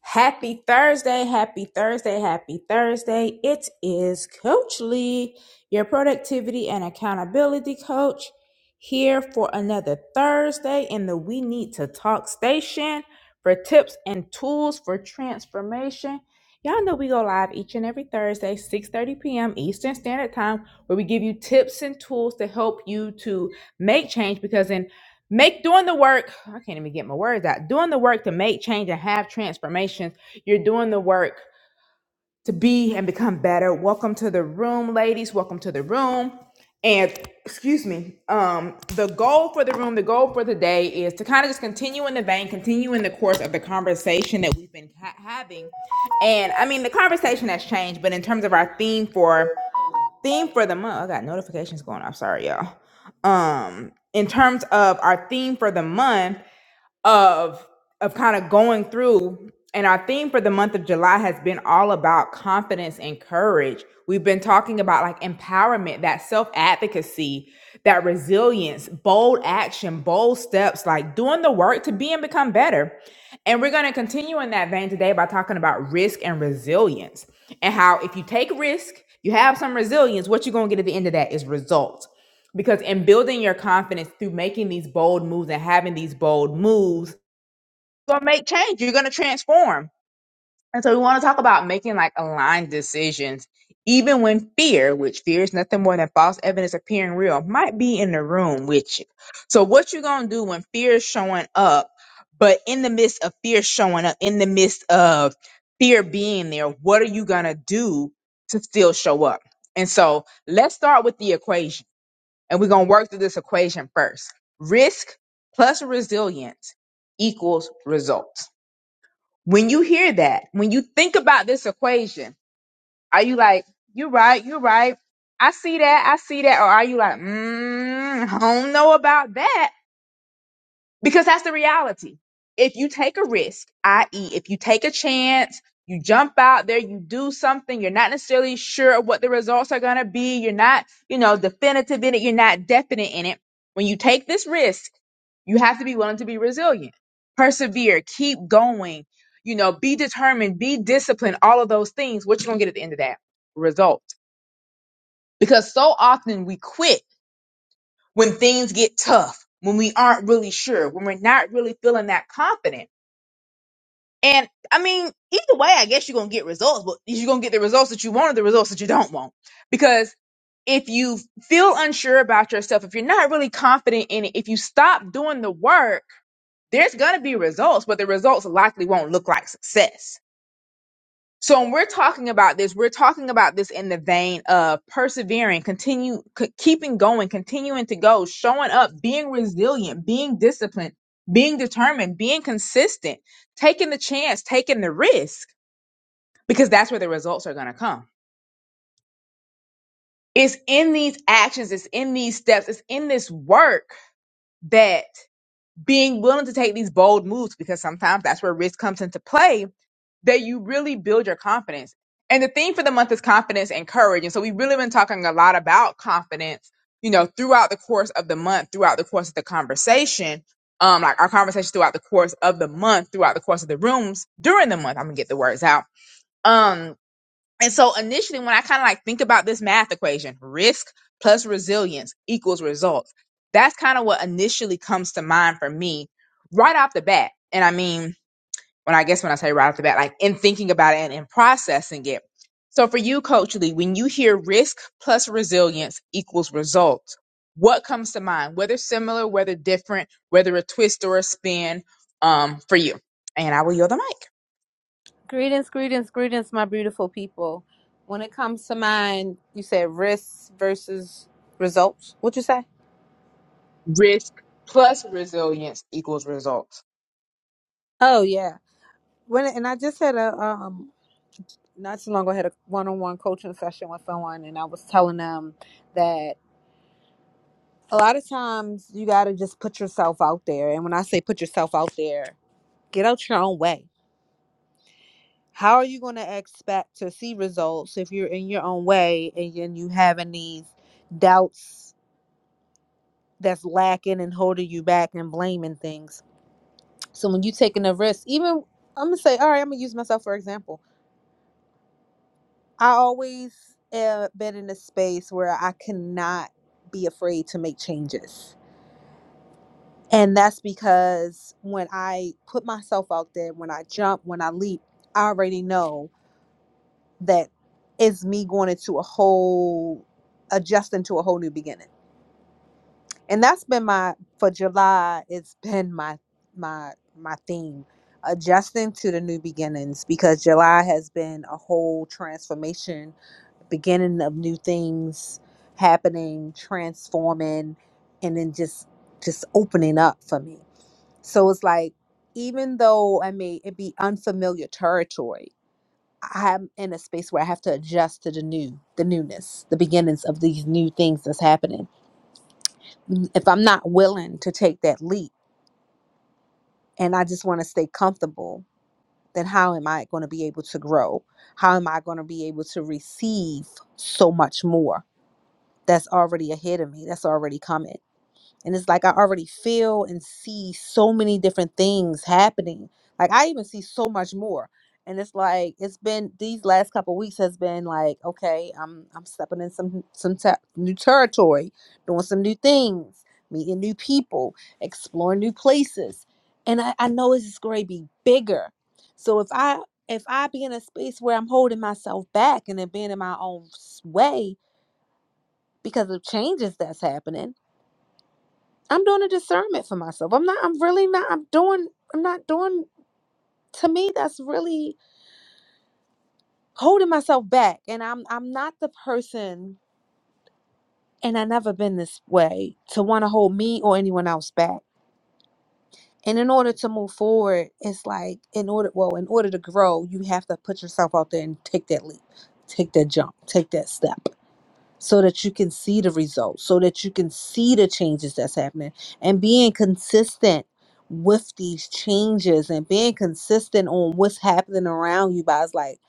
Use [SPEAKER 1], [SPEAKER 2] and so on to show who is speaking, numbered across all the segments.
[SPEAKER 1] Happy Thursday, happy Thursday, happy Thursday. It is Coach Lee, your productivity and accountability coach, here for another Thursday in the We Need to Talk station for tips and tools for transformation. Y'all know we go live each and every Thursday, 6:30 p.m. Eastern Standard Time, where we give you tips and tools to help you to make change because in Make doing the work, I can't even get my words out. Doing the work to make change and have transformations. You're doing the work to be and become better. Welcome to the room, ladies. Welcome to the room. And excuse me, um, the goal for the room, the goal for the day is to kind of just continue in the vein, continue in the course of the conversation that we've been ha- having. And I mean, the conversation has changed, but in terms of our theme for theme for the month. I got notifications going off. Sorry, y'all. Um, in terms of our theme for the month, of of kind of going through and our theme for the month of July has been all about confidence and courage. We've been talking about like empowerment, that self advocacy, that resilience, bold action, bold steps, like doing the work to be and become better. And we're going to continue in that vein today by talking about risk and resilience and how if you take risk, you have some resilience, what you're going to get at the end of that is results. Because in building your confidence through making these bold moves and having these bold moves, gonna make change. You're gonna transform. And so we want to talk about making like aligned decisions, even when fear, which fear is nothing more than false evidence appearing real, might be in the room with you. So what you gonna do when fear is showing up, but in the midst of fear showing up, in the midst of fear being there, what are you gonna do to still show up? And so let's start with the equation. And we're gonna work through this equation first. Risk plus resilience equals results. When you hear that, when you think about this equation, are you like, you're right, you're right. I see that, I see that. Or are you like, mm, I don't know about that. Because that's the reality. If you take a risk, i.e., if you take a chance, you jump out there, you do something, you're not necessarily sure what the results are going to be, you're not, you know, definitive in it, you're not definite in it. When you take this risk, you have to be willing to be resilient, persevere, keep going, you know, be determined, be disciplined, all of those things. What you going to get at the end of that result? Because so often we quit when things get tough, when we aren't really sure, when we're not really feeling that confident. And I mean, either way, I guess you're going to get results, but you're going to get the results that you want or the results that you don't want. Because if you feel unsure about yourself, if you're not really confident in it, if you stop doing the work, there's going to be results, but the results likely won't look like success so when we're talking about this, we're talking about this in the vein of persevering, continue, c- keeping going, continuing to go, showing up, being resilient, being disciplined, being determined, being consistent, taking the chance, taking the risk, because that's where the results are going to come. It's in these actions, it's in these steps, it's in this work that being willing to take these bold moves, because sometimes that's where risk comes into play that you really build your confidence. And the theme for the month is confidence and courage. And so we've really been talking a lot about confidence, you know, throughout the course of the month, throughout the course of the conversation, um, like our conversation throughout the course of the month, throughout the course of the rooms during the month. I'm gonna get the words out. Um, and so initially when I kind of like think about this math equation, risk plus resilience equals results. That's kind of what initially comes to mind for me right off the bat. And I mean, when I guess when I say right off the bat, like in thinking about it and in processing it. So for you, Coach Lee, when you hear risk plus resilience equals results, what comes to mind? Whether similar, whether different, whether a twist or a spin, um, for you. And I will yield the mic.
[SPEAKER 2] Greetings, greetings, greetings, my beautiful people. When it comes to mine, you said risks versus results. What you say?
[SPEAKER 1] Risk plus resilience equals results.
[SPEAKER 2] Oh yeah. When and I just had a um not too long ago I had a one on one coaching session with someone, and I was telling them that a lot of times you got to just put yourself out there. And when I say put yourself out there, get out your own way. How are you going to expect to see results if you're in your own way and, and you having these doubts that's lacking and holding you back and blaming things. So when you taking a risk, even I'm gonna say, all right, I'm gonna use myself for example. I always have been in a space where I cannot be afraid to make changes. And that's because when I put myself out there, when I jump, when I leap, I already know that it's me going into a whole adjusting to a whole new beginning. and that's been my for july it's been my my my theme adjusting to the new beginnings because july has been a whole transformation beginning of new things happening transforming and then just just opening up for me so it's like even though i may it be unfamiliar territory i'm in a space where i have to adjust to the new the newness the beginnings of these new things that's happening if I'm not willing to take that leap and I just want to stay comfortable, then how am I going to be able to grow? How am I going to be able to receive so much more that's already ahead of me, that's already coming? And it's like I already feel and see so many different things happening. Like I even see so much more. And it's like it's been these last couple weeks has been like, okay, I'm I'm stepping in some some te- new territory, doing some new things, meeting new people, exploring new places. And I, I know it's just going to be bigger. So if I if I be in a space where I'm holding myself back and then being in my own s- way because of changes that's happening, I'm doing a discernment for myself. I'm not, I'm really not, I'm doing, I'm not doing to me that's really holding myself back. And I'm I'm not the person, and I never been this way, to want to hold me or anyone else back. And in order to move forward, it's like in order well, in order to grow, you have to put yourself out there and take that leap, take that jump, take that step. so that you can see the results, so that you can see the changes that's happening, and being consistent with these changes and being consistent on what's happening around you By it's Like,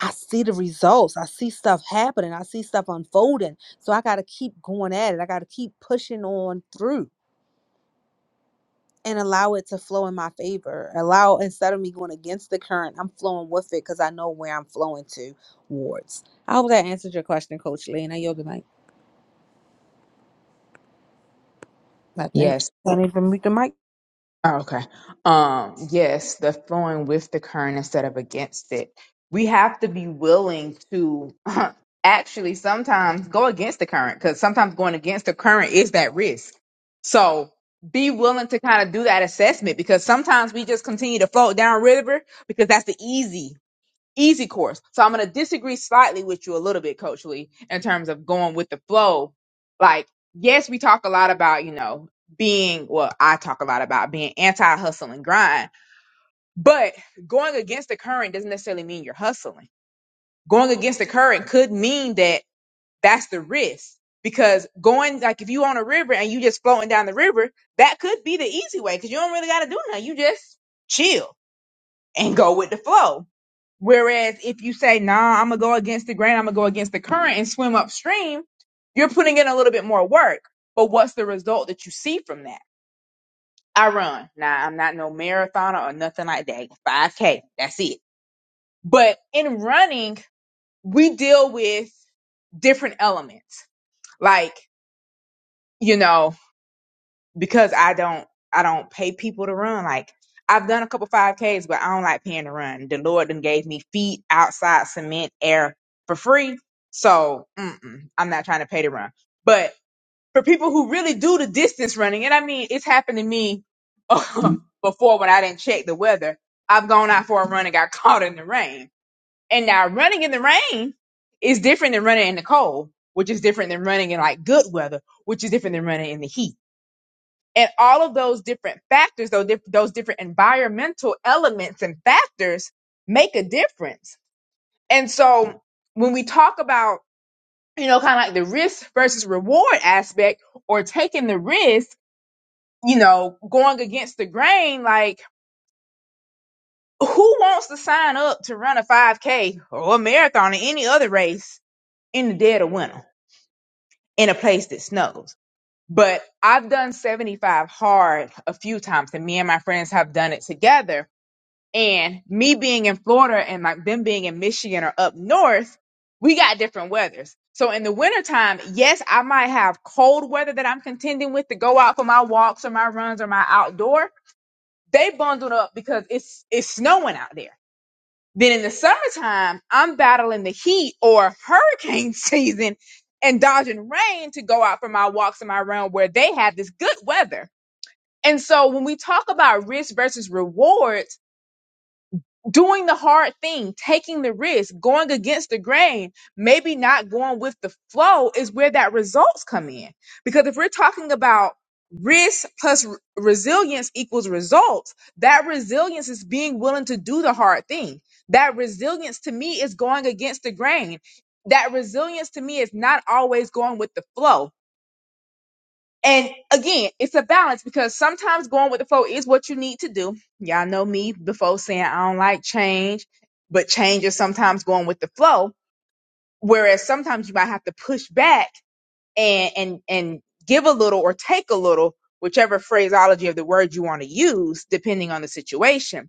[SPEAKER 2] I see the results, I see stuff happening, I see stuff unfolding. So I got to keep going at it, I got to keep pushing on through. And allow it to flow in my favor. Allow instead of me going against the current, I'm flowing with it because I know where I'm flowing to. Wards. I hope that answered your question, Coach Lee. And Now, yoga mic. I think. Don't even mute the mic.
[SPEAKER 1] Oh, okay. Um, yes, the flowing with the current instead of against it. We have to be willing to actually sometimes go against the current because sometimes going against the current is that risk. So be willing to kind of do that assessment because sometimes we just continue to float down river because that's the easy easy course. So I'm going to disagree slightly with you a little bit, Coach Lee, in terms of going with the flow. Like, yes, we talk a lot about, you know, being, well, I talk a lot about being anti hustle and grind, but going against the current doesn't necessarily mean you're hustling. Going against the current could mean that that's the risk because going, like, if you on a river and you just floating down the river, that could be the easy way because you don't really got to do nothing. You just chill and go with the flow Whereas if you say, nah, I'm gonna go against the grain, I'm gonna go against the current and swim upstream, you're putting in a little bit more work. But what's the result that you see from that? I run. Nah, I'm not no marathoner or nothing like that. 5K, that's it. But in running, we deal with different elements. Like, you know, because I don't I don't pay people to run. Like I've done a couple five Ks, but I don't like paying to run. The Lord then gave me feet, outside, cement, air for free. So mm-mm, I'm not trying to pay to run. But for people who really do the distance running, and I mean it's happened to me before when I didn't check the weather. I've gone out for a run and got caught in the rain. And now running in the rain is different than running in the cold, which is different than running in like good weather, which is different than running in the heat and all of those different factors, those, diff- those different environmental elements and factors make a difference. And so when we talk about, you know, kind of like the risk versus reward aspect or taking the risk, you know, going against the grain, like who wants to sign up to run a 5K or a marathon or any other race in the dead of winter in a place that snows? But I've done 75 hard a few times, and me and my friends have done it together And me being in Florida and like them being in Michigan or up north, we got different weathers. So in the wintertime, yes, I might have cold weather that I'm contending with to go out for my walks or my runs or my outdoor. They bundled up because it's it's snowing out there. Then in the summertime, I'm battling the heat or hurricane season and dodging rain to go out for my walks and my run where they have this good weather. And so when we talk about risk versus reward, doing the hard thing, taking the risk, going against the grain, maybe not going with the flow is where that results come in. Because if we're talking about risk plus re- resilience equals results, that resilience is being willing to do the hard thing. That resilience to me is going against the grain. That resilience to me is not always going with the flow and again, it's a balance because sometimes going with the flow is what you need to do. Y'all know me before saying I don't like change, but change is sometimes going with the flow. Whereas sometimes you might have to push back and and and give a little or take a little, whichever phraseology of the word you want to use, depending on the situation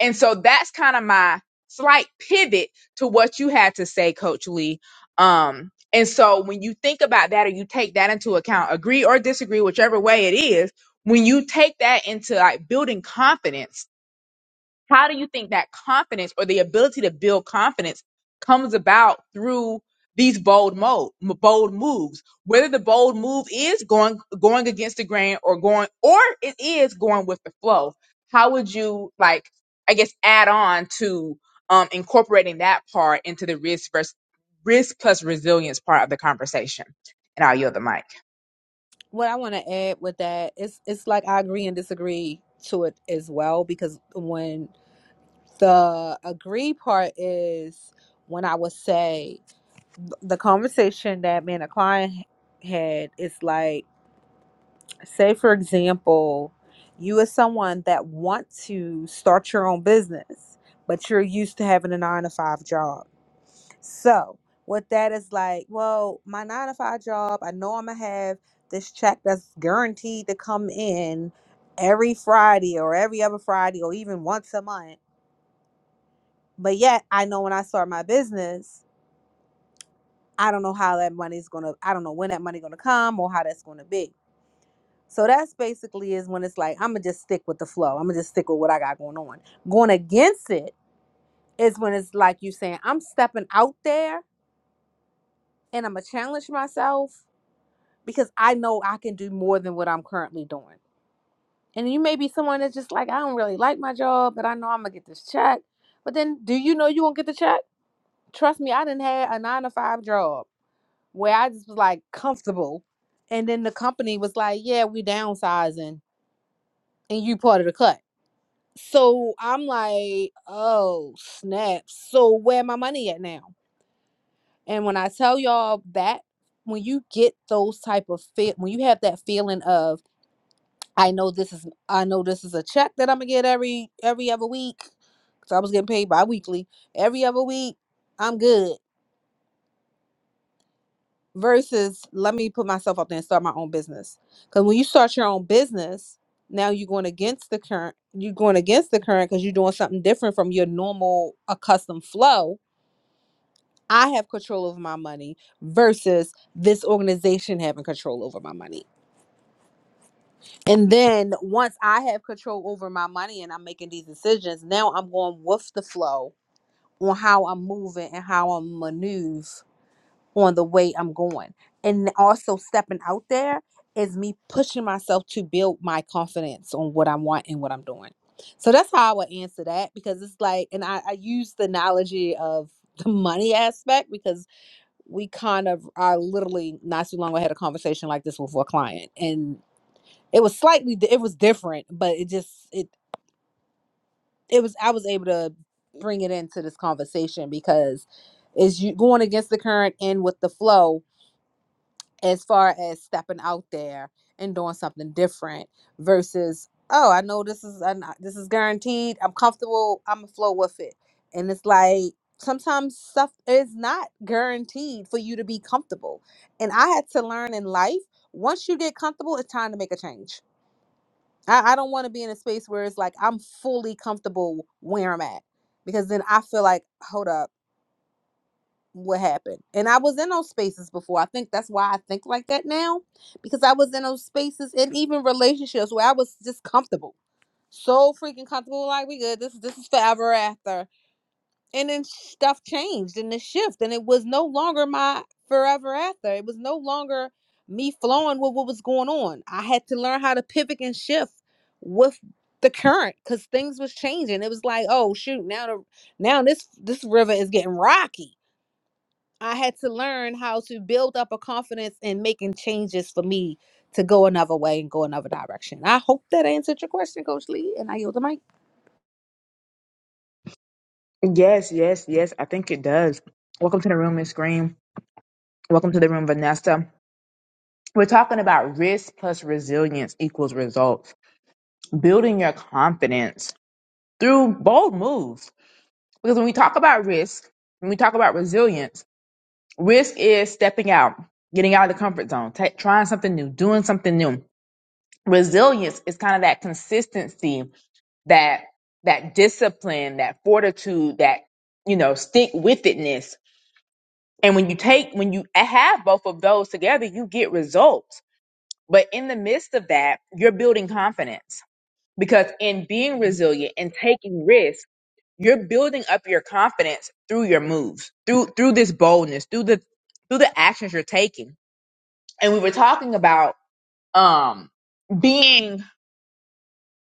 [SPEAKER 1] and so that's kind of my slight pivot to what you had to say, Coach Lee. Um, and so when you think about that or you take that into account, agree or disagree, whichever way it is, when you take that into like building confidence how do you think that confidence or the ability to build confidence comes about through these bold mo bold moves? Whether the bold move is going going against the grain or going or it is going with the flow. How would you like I guess add on to um incorporating that part into the risk versus risk plus resilience part of the conversation? And I'll yield the mic.
[SPEAKER 2] What I want to add with that, it's it's like I agree and disagree to it as well because when the agree part is when I would say the conversation that me and a client had is like, say for example, you as someone that want to start your own business, but you're used to having a nine to five job So what that is like, well, my nine to five job, I know I'm gonna have this check that's guaranteed to come in every Friday or every other Friday or even once a month. But yet I know when I start my business, I don't know how that money's gonna I don't know when that money gonna come or how that's gonna be. So that's basically is when it's like I'ma just stick with the flow. I'ma just stick with what I got going on. Going against it is when it's like you saying, I'm stepping out there and I'ma challenge myself because I know I can do more than what I'm currently doing. And you may be someone that's just like, I don't really like my job, but I know I'm gonna get this check. But then do you know you won't get the check? Trust me, I didn't have a nine to five job where I just was like comfortable. And then the company was like, Yeah, we downsizing and you part of the cut. So I'm like, oh snap. So where my money at now? And when I tell y'all that when you get those type of fit when you have that feeling of I know this is I know this is a check that I'm gonna get every every other week because I was getting paid bi-weekly every other week. I'm good. Versus let me put myself out there and start my own business. Because when you start your own business, now you're going against the current. You're going against the current because you're doing something different from your normal accustomed flow. I have control over my money versus this organization having control over my money. And then once I have control over my money and I'm making these decisions, now I'm going with the flow on how I'm moving and how I'm maneuver on the way I'm going. And also stepping out there is me pushing myself to build my confidence on what I want and what I'm doing. So that's how I would answer that because it's like, and I, I use the analogy of the money aspect because we kind of are literally not too long ago had a conversation like this with a client. and. It was slightly di- it was different, but it just it it was I was able to bring it into this conversation because is you going against the current and with the flow as far as stepping out there and doing something different versus oh I know this is I'm not- this is guaranteed I'm comfortable I'm gonna flow with it and it's like sometimes stuff is not guaranteed for you to be comfortable and I had to learn in life once you get comfortable, it's time to make a change I, I don't want to be in a space where it's like I'm fully comfortable where I'm at because then I feel like, hold up, what happened? And I was in those spaces before. I think that's why I think like that now because I was in those spaces and even relationships where I was just comfortable, so freaking comfortable. Like we good. This this is forever after and then stuff changed and it shift and it was no longer my forever after it was no longer me flowing with what was going on i had to learn how to pivot and shift with the current because things was changing it was like oh shoot now the, now this this river is getting rocky i had to learn how to build up a confidence in making changes for me to go another way and go another direction i hope that answered your question coach lee and i yield the mic
[SPEAKER 1] Yes, yes, yes. I think it does. Welcome to the room, Miss Green. Welcome to the room, Vanessa. We're talking about risk plus resilience equals results, building your confidence through bold moves. Because when we talk about risk, when we talk about resilience, risk is stepping out, getting out of the comfort zone, ta trying something new, doing something new. Resilience is kind of that consistency, that that discipline, that fortitude, that you know, stick with itness. And when you take when you have both of those together, you get results. But in the midst of that, you're building confidence because in being resilient and taking risks you're building up your confidence through your moves through through this boldness through the through the actions you're taking and we were talking about um being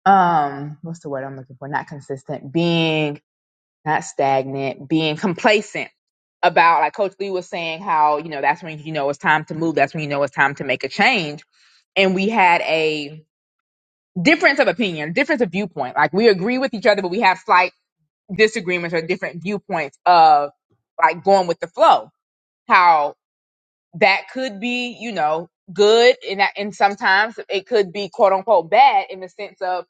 [SPEAKER 1] um what's the word i'm looking for not consistent being not stagnant being complacent about like coach lee was saying how you know that's when you know it's time to move that's when you know it's time to make a change and we had a difference of opinion difference of viewpoint like we agree with each other but we have slight disagreements or different viewpoints of like going with the flow. How that could be, you know, good and that, and sometimes it could be quote unquote bad in the sense of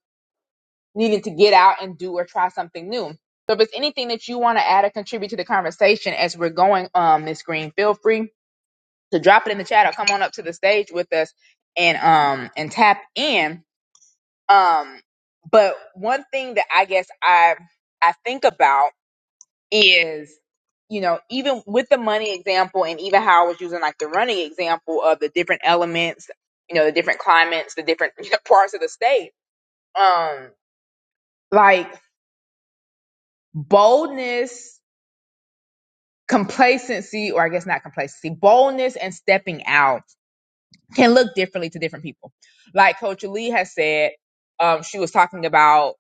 [SPEAKER 1] needing to get out and do or try something new. So if it's anything that you want to add or contribute to the conversation as we're going, um, Miss Green, feel free to drop it in the chat or come on up to the stage with us and um and tap in. Um, but one thing that I guess I I think about is you know even with the money example and even how i was using like the running example of the different elements you know the different climates the different you know, parts of the state um like boldness complacency or i guess not complacency boldness and stepping out can look differently to different people like coach lee has said um she was talking about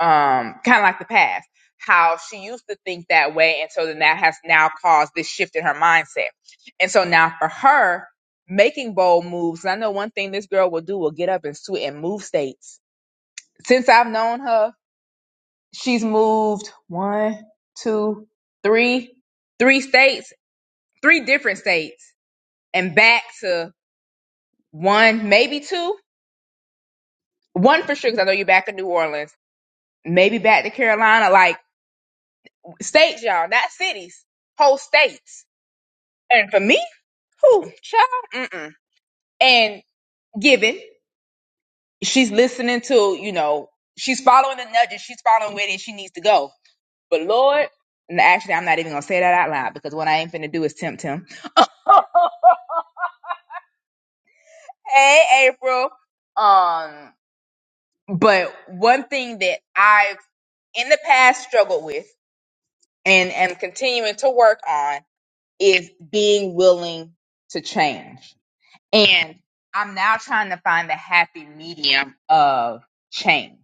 [SPEAKER 1] um, kind of like the past, how she used to think that way. And so then that has now caused this shift in her mindset. And so now for her, making bold moves, and I know one thing this girl will do will get up and sweat and move states. Since I've known her, she's moved one, two, three, three states, three different states, and back to one, maybe two. One for sure, because I know you're back in New Orleans, maybe back to Carolina. Like, states, y'all, not cities, whole states. And for me, who child, mm-mm. and given she's listening to, you know, she's following the nudges, she's following where it she needs to go. But Lord, and actually, I'm not even gonna say that out loud because what I ain't finna do is tempt him. hey, April. Um, but one thing that I've in the past struggled with and am continuing to work on is being willing to change And I'm now trying to find the happy medium of change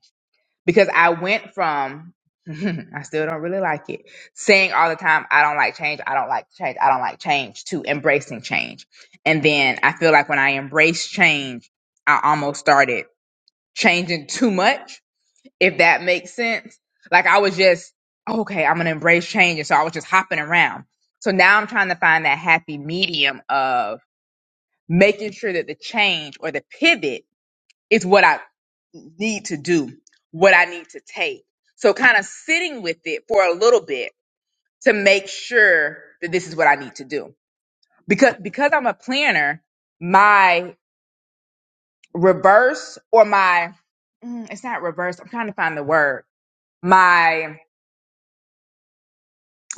[SPEAKER 1] because I went from, I still don't really like it, saying all the time, I don't like change, I don't like change, I don't like change, to embracing change. And then I feel like when I embrace change, I almost started changing too much, if that makes sense. Like I was just, okay, I'm going to embrace change. And so I was just hopping around. So now I'm trying to find that happy medium of, making sure that the change or the pivot is what I need to do, what I need to take. So kind of sitting with it for a little bit to make sure that this is what I need to do. Because because I'm a planner, my reverse or my mm, it's not reverse, I'm trying to find the word. My.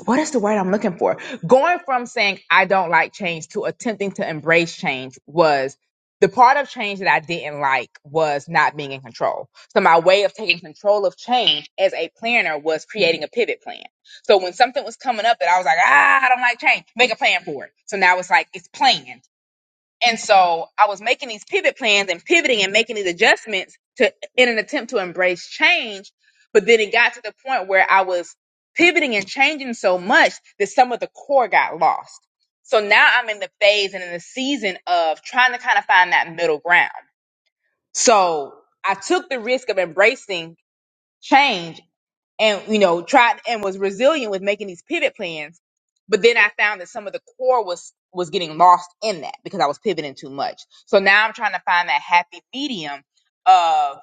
[SPEAKER 1] what is the word I'm looking for? Going from saying I don't like change to attempting to embrace change was the part of change that I didn't like was not being in control. So my way of taking control of change as a planner was creating a pivot plan. So when something was coming up that I was like, ah, I don't like change, make a plan for it. So now it's like it's planned. And so I was making these pivot plans and pivoting and making these adjustments to in an attempt to embrace change. But then it got to the point where I was pivoting and changing so much that some of the core got lost. So now I'm in the phase and in the season of trying to kind of find that middle ground. So I took the risk of embracing change and you know tried and was resilient with making these pivot plans but then i found that some of the core was was getting lost in that because i was pivoting too much so now i'm trying to find that happy medium of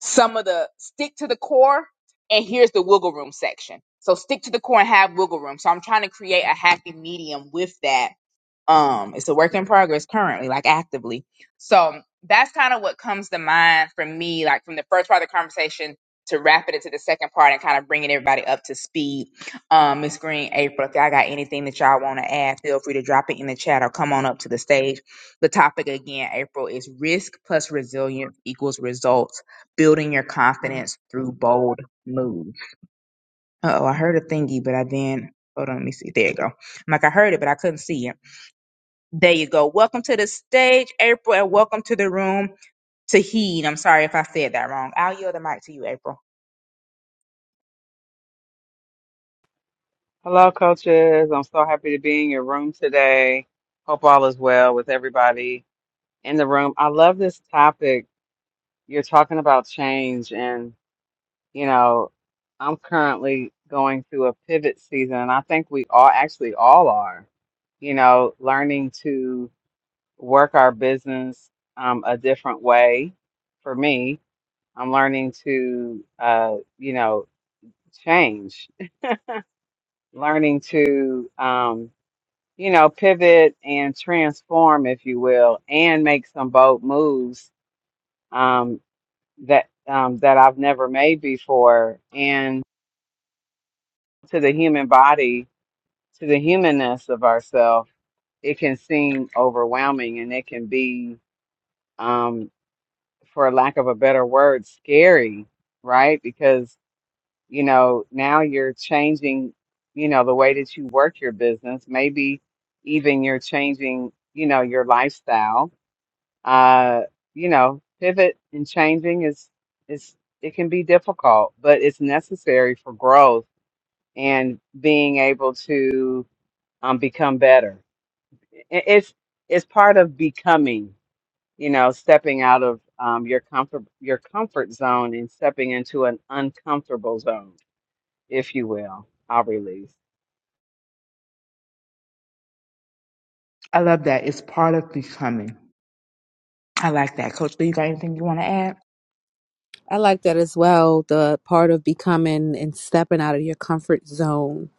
[SPEAKER 1] some of the stick to the core and here's the wiggle room section so stick to the core and have wiggle room so i'm trying to create a happy medium with that um it's a work in progress currently like actively so that's kind of what comes to mind for me like from the first part of the conversation to wrap it into the second part and kind of bringing everybody up to speed um miss green april if y'all got anything that y'all want to add feel free to drop it in the chat or come on up to the stage the topic again april is risk plus resilience equals results building your confidence through bold moves oh i heard a thingy but i then hold on let me see there you go I'm like i heard it but i couldn't see it there you go. Welcome to the stage, April, and welcome to the room, Tahid. I'm sorry if I said that wrong. I'll yield the mic to you, April.
[SPEAKER 3] Hello, coaches. I'm so happy to be in your room today. Hope all is well with everybody in the room. I love this topic. You're talking about change, and you know, I'm currently going through a pivot season, and I think we all actually all are, you know, learning to work our business um, a different way. For me, I'm learning to, uh, you know, change, learning to. Um, you know, pivot and transform, if you will, and make some bold moves um, that um, that I've never made before. And to the human body, to the humanness of ourself, it can seem overwhelming, and it can be, um, for lack of a better word, scary, right? Because you know now you're changing, you know, the way that you work your business. Maybe even you're changing, you know, your lifestyle uh, you know, pivot and changing is is it can be difficult, but it's necessary for growth and being able to um, become better. I- It's it's part of becoming, you know, stepping out of um, your comfort your comfort zone and stepping into an uncomfortable zone, if you will. I'll release.
[SPEAKER 1] I love that. It's part of becoming. I like that. Coach Lee, you got anything you want to add?
[SPEAKER 2] I like that as well. The part of becoming and stepping out of your comfort zone,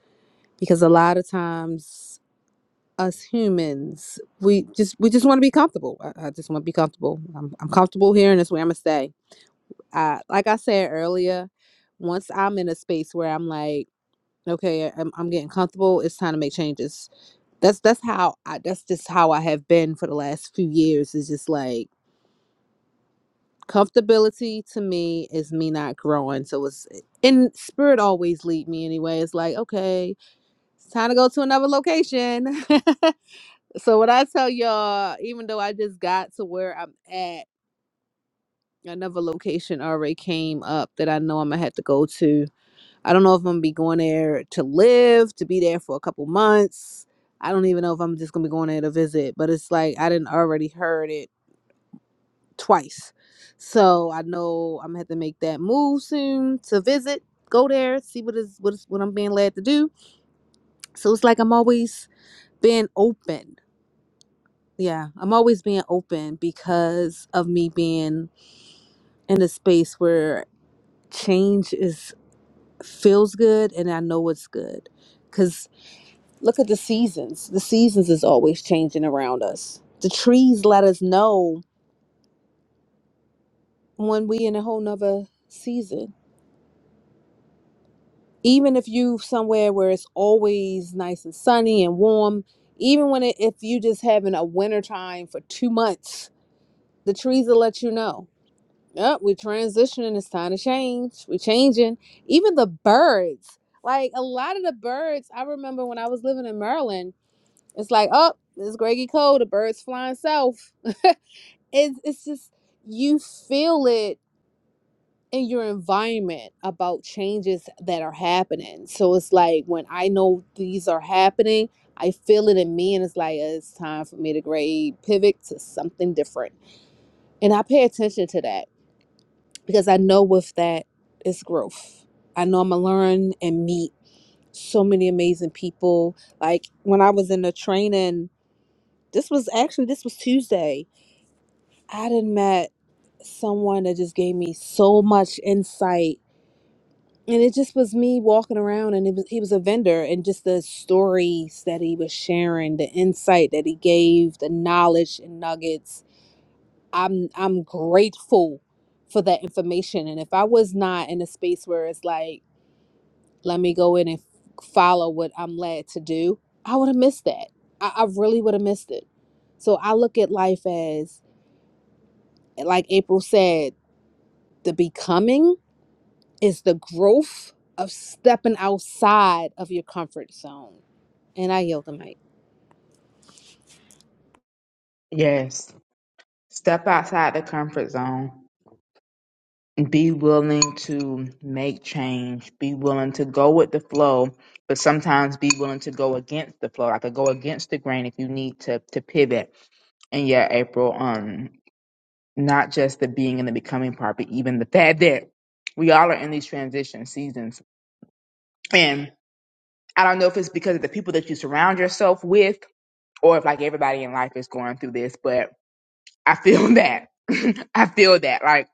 [SPEAKER 2] because a lot of times us humans, we just we just want to be comfortable. I, I just want to be comfortable. I'm, I'm comfortable here, and that's where I'm gonna stay. I, like I said earlier, once I'm in a space where I'm like, okay, I'm, I'm getting comfortable. It's time to make changes. That's that's how I. That's just how I have been for the last few years. It's just like comfortability to me is me not growing. So it's in spirit always lead me anyway. It's like, okay, it's time to go to another location. so what I tell y'all, even though I just got to where I'm at, another location already came up that I know I'm gonna have to go to. I don't know if I'm gonna be going there to live, to be there for a couple months. I don't even know if I'm just gonna be going there to visit, but it's like I didn't already heard it twice. So I know I'm gonna have to make that move soon to visit, go there, see what is what is what I'm being led to do. So it's like I'm always being open. Yeah, I'm always being open because of me being in a space where change is feels good and I know it's good. Cause look at the seasons. The seasons is always changing around us. The trees let us know when we in a whole nother season even if you somewhere where it's always nice and sunny and warm even when it, if you just having a winter time for two months the trees will let you know yep we're transitioning it's time to change we're changing even the birds like a lot of the birds i remember when i was living in maryland it's like oh it's greggy cold the birds flying south it's, it's just you feel it in your environment about changes that are happening. So it's like when I know these are happening, I feel it in me, and it's like "Uh, it's time for me to grade pivot to something different. And I pay attention to that because I know with that it's growth. I know I'm gonna learn and meet so many amazing people. Like when I was in the training, this was actually this was Tuesday. I did met someone that just gave me so much insight and it just was me walking around and it was he was a vendor and just the stories that he was sharing the insight that he gave the knowledge and nuggets i'm i'm grateful for that information and if i was not in a space where it's like let me go in and follow what i'm led to do i would have missed that i, I really would have missed it so i look at life as like april said the becoming is the growth of stepping outside of your comfort zone And I yield the mic.
[SPEAKER 1] Yes. Step outside the comfort zone. Be willing to make change. Be willing to go with the flow, but sometimes be willing to go against the flow. I could go against the grain if you need to to pivot. And yeah, April. Um, not just the being and the becoming part, but even the fact that we all are in these transition seasons. And I don't know if it's because of the people that you surround yourself with or if like everybody in life is going through this, but I feel that. I feel that. Like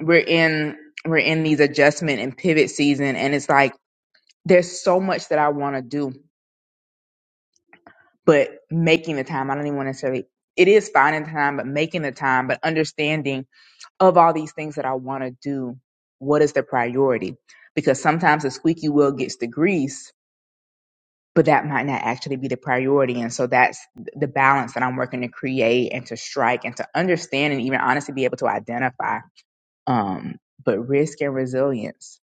[SPEAKER 1] we're in we're in these adjustment and pivot season and it's like there's so much that I want to do, but making the time, I don't even want to necessarily it is finding time, but making the time, but understanding of all these things that I want to do, what is the priority? Because sometimes the squeaky wheel gets the grease, but that might not actually be the priority. And so that's the balance that I'm working to create and to strike and to understand and even honestly be able to identify. Um, but risk and resilience,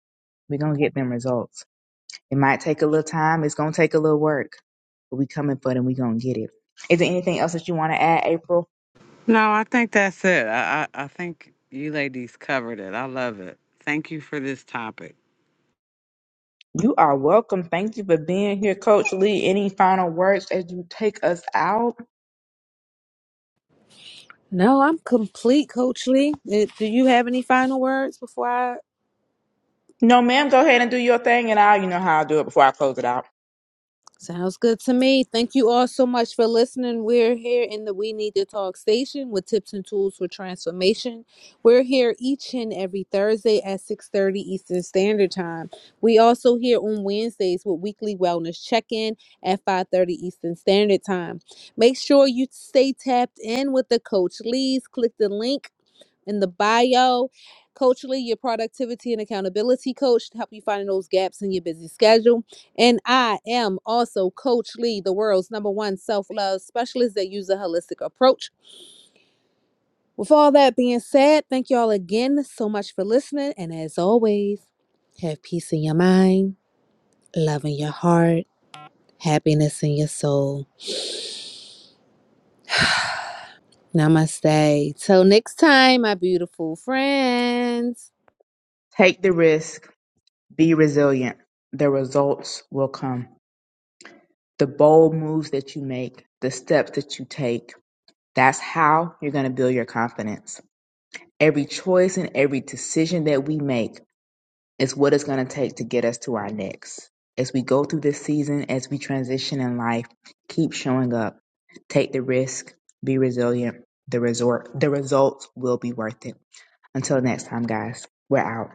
[SPEAKER 1] we're going to get them results. It might take a little time. It's going to take a little work, but we coming for it and we going to get it. Is there anything else that you want to add, April?
[SPEAKER 3] No, I think that's it. I, I, I think you ladies covered it. I love it. Thank you for this topic.
[SPEAKER 1] You are welcome. Thank you for being here, Coach Lee. Any final words as you take us out?
[SPEAKER 2] No, I'm complete, Coach Lee. Uh, Do you have any final words before I?
[SPEAKER 1] No, ma'am. Go ahead and do your thing, and I'll, you know how I do it before I close it out.
[SPEAKER 2] Sounds good to me. Thank you all so much for listening. We're here in the We Need to Talk station with tips and tools for transformation. We're here each and every Thursday at 6:30 Eastern Standard Time. We also here on Wednesdays with weekly wellness check-in at 5:30 Eastern Standard Time. Make sure you stay tapped in with the Coach Lee's. Click the link in the bio. Coachly, your productivity and accountability coach to help you find those gaps in your busy schedule. And I am also Coach Lee, the world's number one self love specialist that uses a holistic approach. With all that being said, thank you all again so much for listening. And as always, have peace in your mind, love in your heart, happiness in your soul. Namaste. Till next time, my beautiful friends.
[SPEAKER 1] Take the risk. Be resilient. The results will come. The bold moves that you make, the steps that you take, that's how you're going to build your confidence. Every choice and every decision that we make It's what it's going to take to get us to our next. As we go through this season, as we transition in life, keep showing up, take the risk, be resilient. The resort, the results will be worth it. Until next time, guys, we're out.